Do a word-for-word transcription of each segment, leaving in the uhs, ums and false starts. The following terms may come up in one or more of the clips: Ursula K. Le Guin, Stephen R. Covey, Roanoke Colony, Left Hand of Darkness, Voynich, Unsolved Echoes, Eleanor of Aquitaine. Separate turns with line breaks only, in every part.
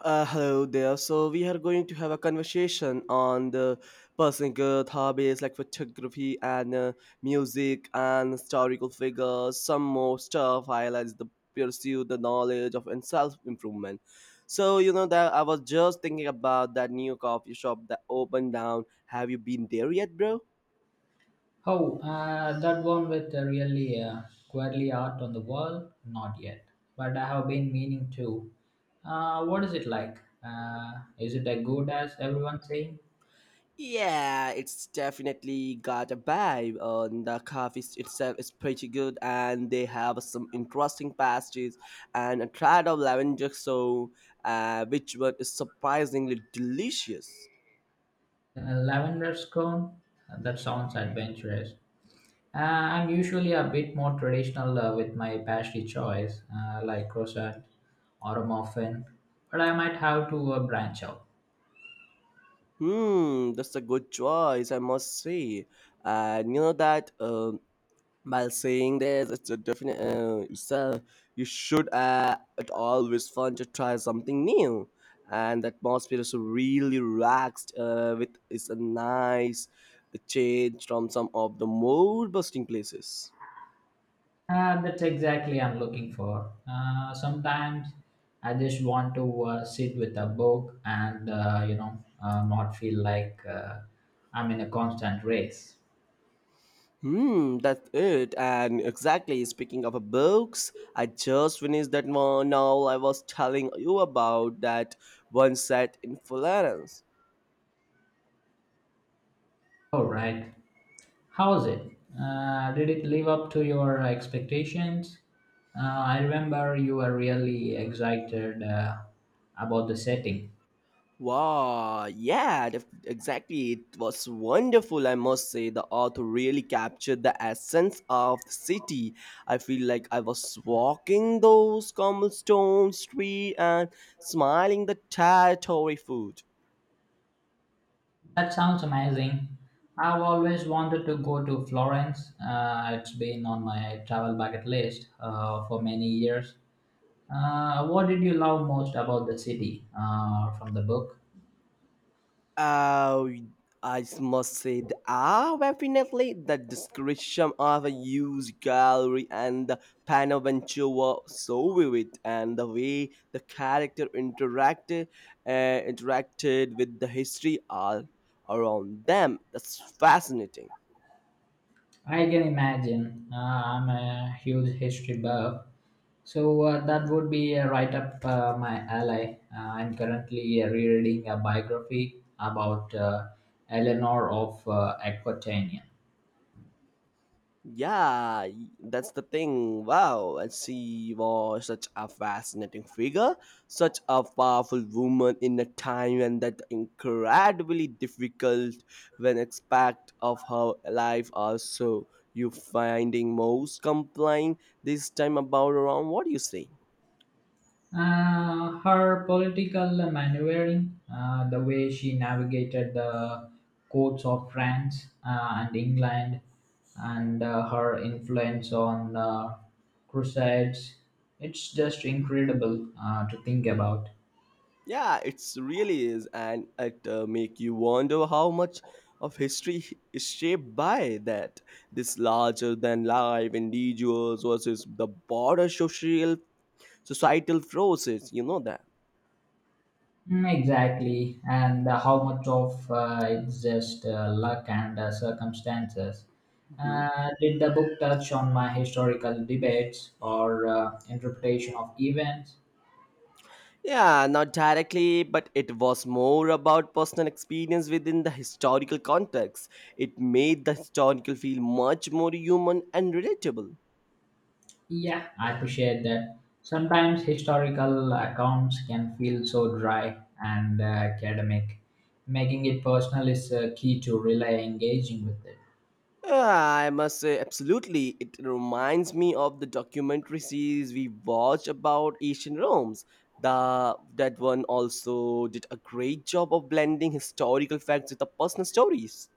Uh, hello there. So we are going to have a conversation on the personal growth hobbies like photography and uh, music and historical figures. Some more stuff highlights the pursue the knowledge of and self improvement. So you know that I was just thinking about that new coffee shop that opened down. Have you been there yet, bro?
Oh, uh, that one with the really uh, quirky art on the wall? Not yet, but I have been meaning to. Uh, what is it like? Uh, is it as good as everyone's saying?
Yeah, it's definitely got a vibe. Uh, the coffee s- itself is pretty good, and they have some interesting pastries and a tried of lavender so uh, which one is surprisingly delicious.
Uh, lavender scone? Uh, That sounds adventurous. Uh, I'm usually a bit more traditional uh, with my pastry choice, uh, like croissant or a muffin, but I might have to uh, branch out.
Hmm, that's a good choice, I must say. And you know that. Um, by saying that it's a definite uh, it's a, you should uh, it always fun to try something new and the atmosphere is really relaxed uh, with it's a nice change from some of the mood busting places.
Uh, that's exactly I'm looking for. Uh, sometimes I just want to uh, sit with a book and uh, you know uh, not feel like uh, I'm in a constant race.
Hmm, that's it and exactly speaking of a books, I just finished that one now I was telling you about, that one set in Florence.
All right, how's it? Uh, did it live up to your expectations? Uh, I remember you were really excited uh, about the setting.
Wow, yeah, def- exactly. It was wonderful, I must say. The author really captured the essence of the city. I feel like I was walking those cobblestone streets and smiling the territory food.
That sounds amazing. I've always wanted to go to Florence. Uh, it's been on my travel bucket list uh, for many years. Uh, what did you love most about the city uh, from the book?
Uh, I must say, th- ah, definitely the description of a huge gallery and the panel venture were so vivid, and the way the character interacted, uh, interacted with the history all around them. That's fascinating.
I can imagine. Uh, I'm a huge history buff, so uh, that would be uh, right up uh, my alley. Uh, I'm currently uh, rereading a biography about uh, Eleanor of uh, Aquitaine.
Yeah, y- that's the thing. Wow, and she was such a fascinating figure, such a powerful woman in a time when that incredibly difficult when aspect of her life also you finding most complying this time about around, what do you say?
Uh, her political maneuvering, uh, the way she navigated the courts of France uh, and England, and uh, her influence on uh, crusades, it's just incredible uh, to think about.
Yeah, it's really is, and it uh, make you wonder how much of history is shaped by that. This larger than life individuals versus the broader social societal forces. You know that.
Mm, exactly, and uh, how much of uh, it's just uh, luck and uh, circumstances.
Mhm.
Uh, did the book touch on my historical debates or uh, interpretation of events?
Yeah, not directly, but it was more about personal experience within the historical context. It made the historical feel much more human and relatable.
Yeah, I appreciate that. Sometimes historical accounts can feel so dry and uh, academic. Making it personal is uh, key to really engaging with it.
Ah, I must say, absolutely. It reminds me of the documentary series we watched about ancient Rome's. The that one also did a great job of blending historical facts with the personal stories.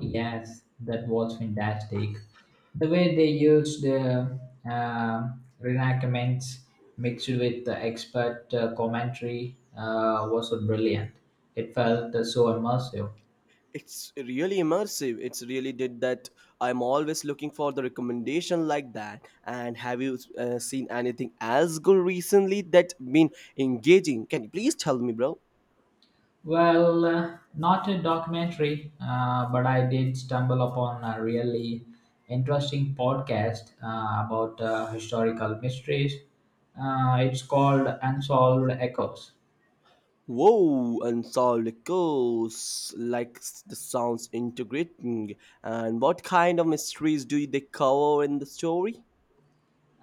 Yes, that was fantastic. The way they used the uh, reenactments mixed with the expert uh, commentary uh, was so brilliant. It felt uh, so immersive.
It's really immersive. It's really did that. I'm always looking for the recommendation like that. And have you uh, seen anything as good recently that been engaging? Can you please tell me, bro?
Well, uh, not a documentary, uh, but I did stumble upon a really interesting podcast uh, about uh, historical mysteries. Uh, it's called Unsolved Echoes.
Whoa, and so it goes. Like s- the sounds integrating. And what kind of mysteries do they cover in the story?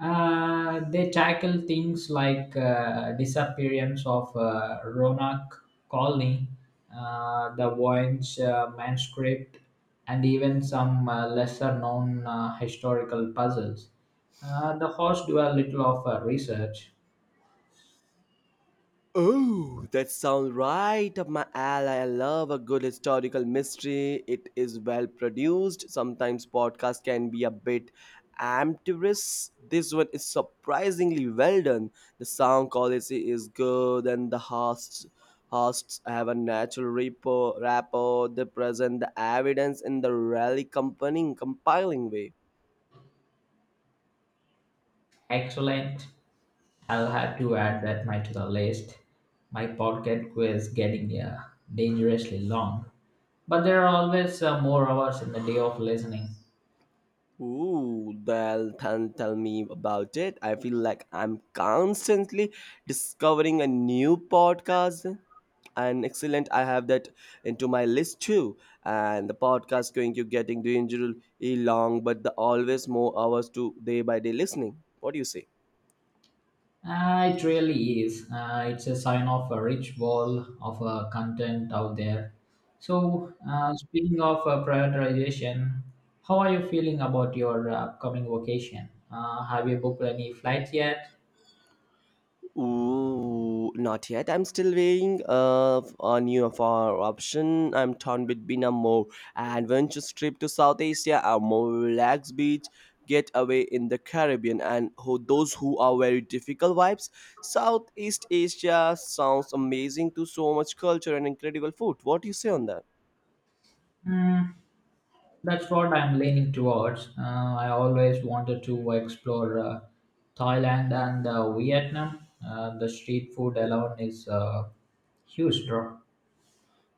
Uh, they tackle things like uh, disappearance of uh, Roanoke Colony, uh, the Voynich uh, manuscript, and even some uh, lesser-known uh, historical puzzles. Uh, the hosts do a little of uh, research.
Oh, that sounds right up my alley. I love a good historical mystery. It is well produced. Sometimes podcasts can be a bit amateurish. This one is surprisingly well done. The sound quality is good, and the hosts hosts have a natural rapport. rapport. They present the evidence in the really compelling, compiling way.
Excellent. I'll have to add that my to the list. My podcast was getting uh, dangerously long, but there are always uh, more hours in the day of listening.
Ooh, well, then tell me about it. I feel like I'm constantly discovering a new podcast. And excellent, I have that into my list too. And the podcast going to getting dangerously long, but the always more hours to day by day listening. What do you say?
Uh, it really is. Uh, it's a sign of a rich wall of uh, content out there. So, uh, speaking of uh, prioritization, how are you feeling about your uh, upcoming vacation? Uh, have you booked any flights yet?
Ooh, not yet. I'm still weighing uh, f- on you for option. I'm torn between a more adventurous trip to South Asia, a more relaxed beach getaway in the Caribbean, and who, those who are very difficult vibes. Southeast Asia sounds amazing to so much culture and incredible food. What do you say on that?
Mm, that's what I'm leaning towards. Uh, I always wanted to explore uh, Thailand and uh, Vietnam. Uh, the street food alone is a huge draw.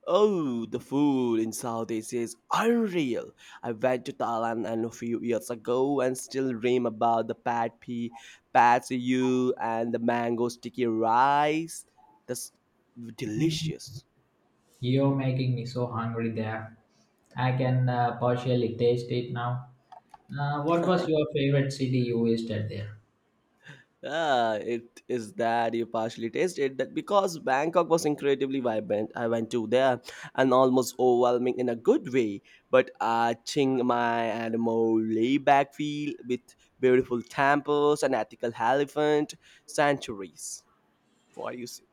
Oh, the food in Southeast is unreal. I went to Thailand and a few years ago and still dream about the pad pee, pad see ew and the mango sticky rice. That's delicious.
You're making me so hungry there. I can uh, partially taste it now. Uh, what was your favorite city you visited there?
Yeah, it is that you partially tasted that because Bangkok was incredibly vibrant. I went to there and almost overwhelming in a good way, but uh, Chiang Mai and more laid back feel with beautiful temples and ethical elephant sanctuaries. What do you say?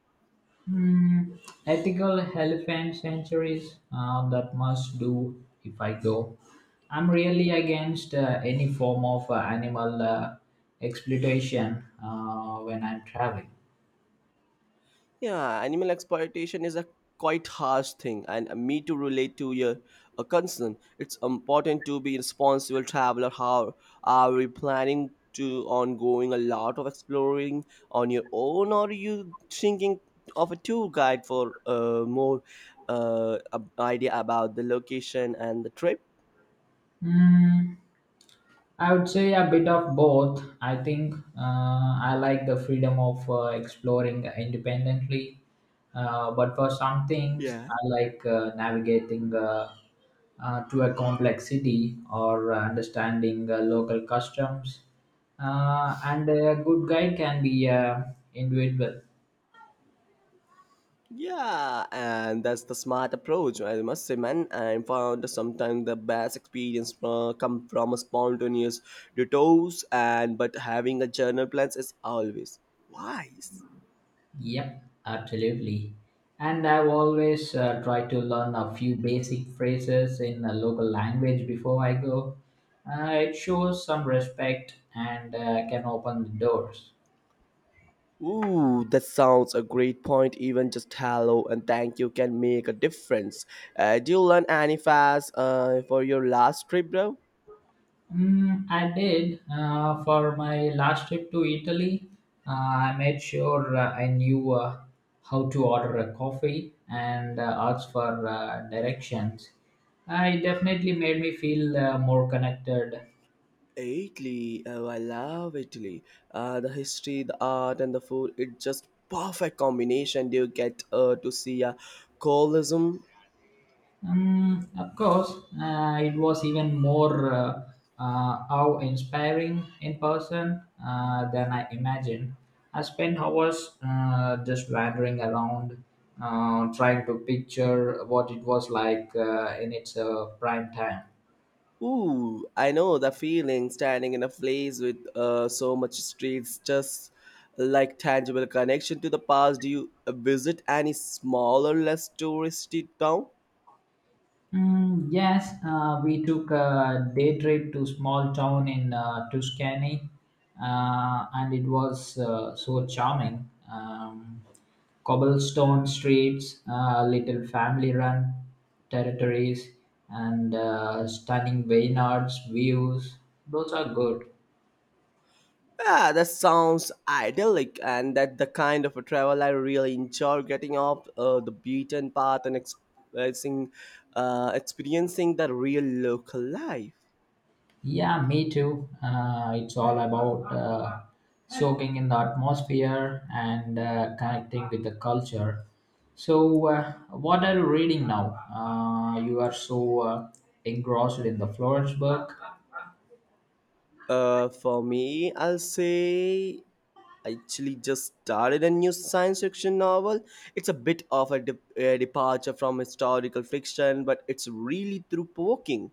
Hmm, ethical elephant sanctuaries. Uh, that must do if I go. I'm really against uh, any form of uh, animal uh, exploitation uh, when I'm traveling.
Yeah, animal exploitation is a quite harsh thing, and me to relate to your a concern. It's important to be responsible traveler. How are we planning to ongoing a lot of exploring on your own, or are you thinking of a tour guide for uh, more uh, ab- idea about the location and the trip?
Hmm. I would say a bit of both. I think uh, I like the freedom of uh, exploring independently, uh, but for some things,
Yeah.
I like uh, navigating uh, uh, to a complex city or uh, understanding uh, local customs. Uh, and a good guide can be uh, individual.
Yeah, and that's the smart approach, I must say, man. I found sometimes the best experience uh, come from a spontaneous detours, and but having a journal plans is always wise.
Yep, absolutely. And I've always uh, tried to learn a few basic phrases in a local language before I go. Uh, it shows some respect and uh, can open the doors.
Ooh, that sounds a great point. Even just hello and thank you can make a difference. Uh, do you learn any fast uh, for your last trip, bro?
Mm, I did uh, for my last trip to Italy. Uh, I made sure uh, I knew uh, how to order a coffee and uh, ask for uh, directions. Uh, it definitely made me feel uh, more connected.
Italy, oh, I love Italy. Uh, the history, the art, and the food, it's just perfect combination. You get uh, to see a Colosseum.
Um, of course, uh, it was even more uh, uh, awe inspiring in person uh, than I imagined. I spent hours uh, just wandering around, uh, trying to picture what it was like uh, in its uh, prime time.
Ooh, I know the feeling standing in a place with uh, so much history. It's just like tangible connection to the past. Do you visit any smaller, less touristy town?
Mm, yes, uh, we took a day trip to small town in uh, Tuscany, uh, and it was uh, so charming. Um, cobblestone streets, uh, little family-run territories, and uh, stunning vineyards views. Those are good.
Yeah, that sounds idyllic, and that the kind of a travel I really enjoy getting off uh, the beaten path and experiencing, uh, experiencing the real local life.
Yeah, me too. Uh, it's all about uh, soaking in the atmosphere and uh, connecting with the culture. So, uh, what are you reading now? Uh, you are so uh, engrossed in the Florence book.
Uh, for me, I'll say I actually just started a new science fiction novel. It's a bit of a, de- a departure from historical fiction, but it's really through provoking.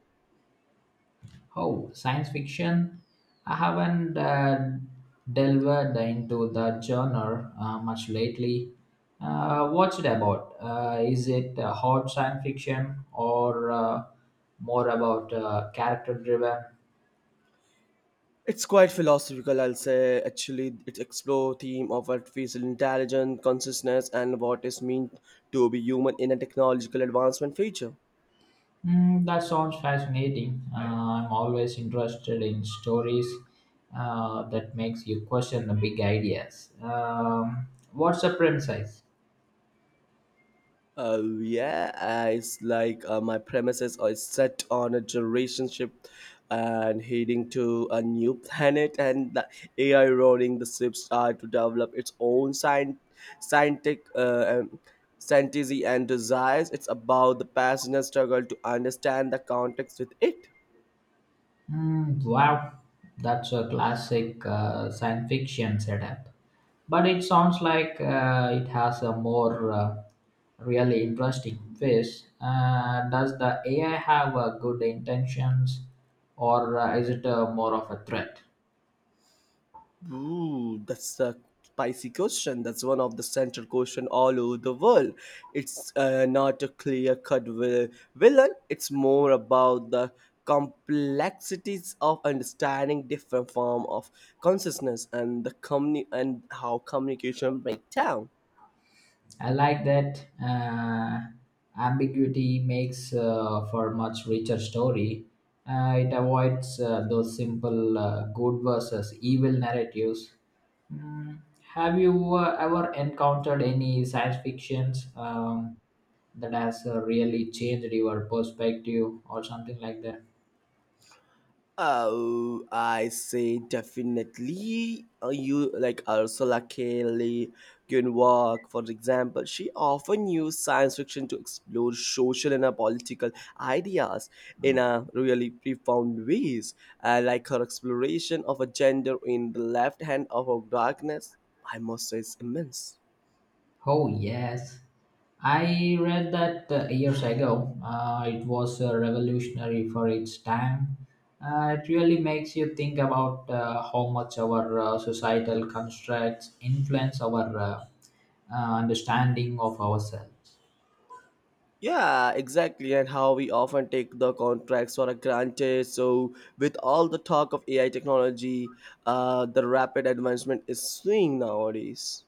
Oh, science fiction. I haven't uh, delved into the genre uh, much lately. Uh, what's it about? Uh, is it uh, hard science fiction or uh, more about uh, character driven?
It's quite philosophical, I'll say. Actually, it explores theme of artificial intelligence, consciousness, and what is meant to be human in a technological advancement future.
Mm, that sounds fascinating. Uh, I'm always interested in stories uh, that makes you question the big ideas. Um, what's the premise?
Uh, yeah, uh, it's like uh, my premises are set on a generation ship and heading to a new planet, and the A I running the ships are to develop its own science, scientific uh, um, fantasy and desires. It's about the passenger struggle to understand the context with it.
Mm, wow, that's a classic uh, science fiction setup. But it sounds like uh, it has a more uh, really interesting face. Uh, does the A I have uh, good intentions or uh, is it uh, more of a threat?
Ooh, that's a spicy question. That's one of the central question all over the world. It's uh, not a clear cut vil- villain. It's more about the complexities of understanding different form of consciousness and the company and how communication break down.
I like that uh, ambiguity makes uh, for much richer story. Uh, it avoids uh, those simple uh, good versus evil narratives. Mm, have you uh, ever encountered any science fictions um, that has uh, really changed your perspective or something like that?
Oh, I say definitely. Uh, You like Ursula K. Le Guin for example. She often used science fiction to explore social and uh, political ideas in a really profound ways, uh, like her exploration of a gender in the left hand of a darkness. I must say, is immense.
Oh yes, I read that uh, years ago. Uh, it was uh, revolutionary for its time. Uh, it really makes you think about uh, how much our uh, societal constructs influence our uh, uh, understanding of ourselves.
Yeah, exactly, and how we often take the contracts for granted. So, with all the talk of A I technology, uh, the rapid advancement is seeing nowadays.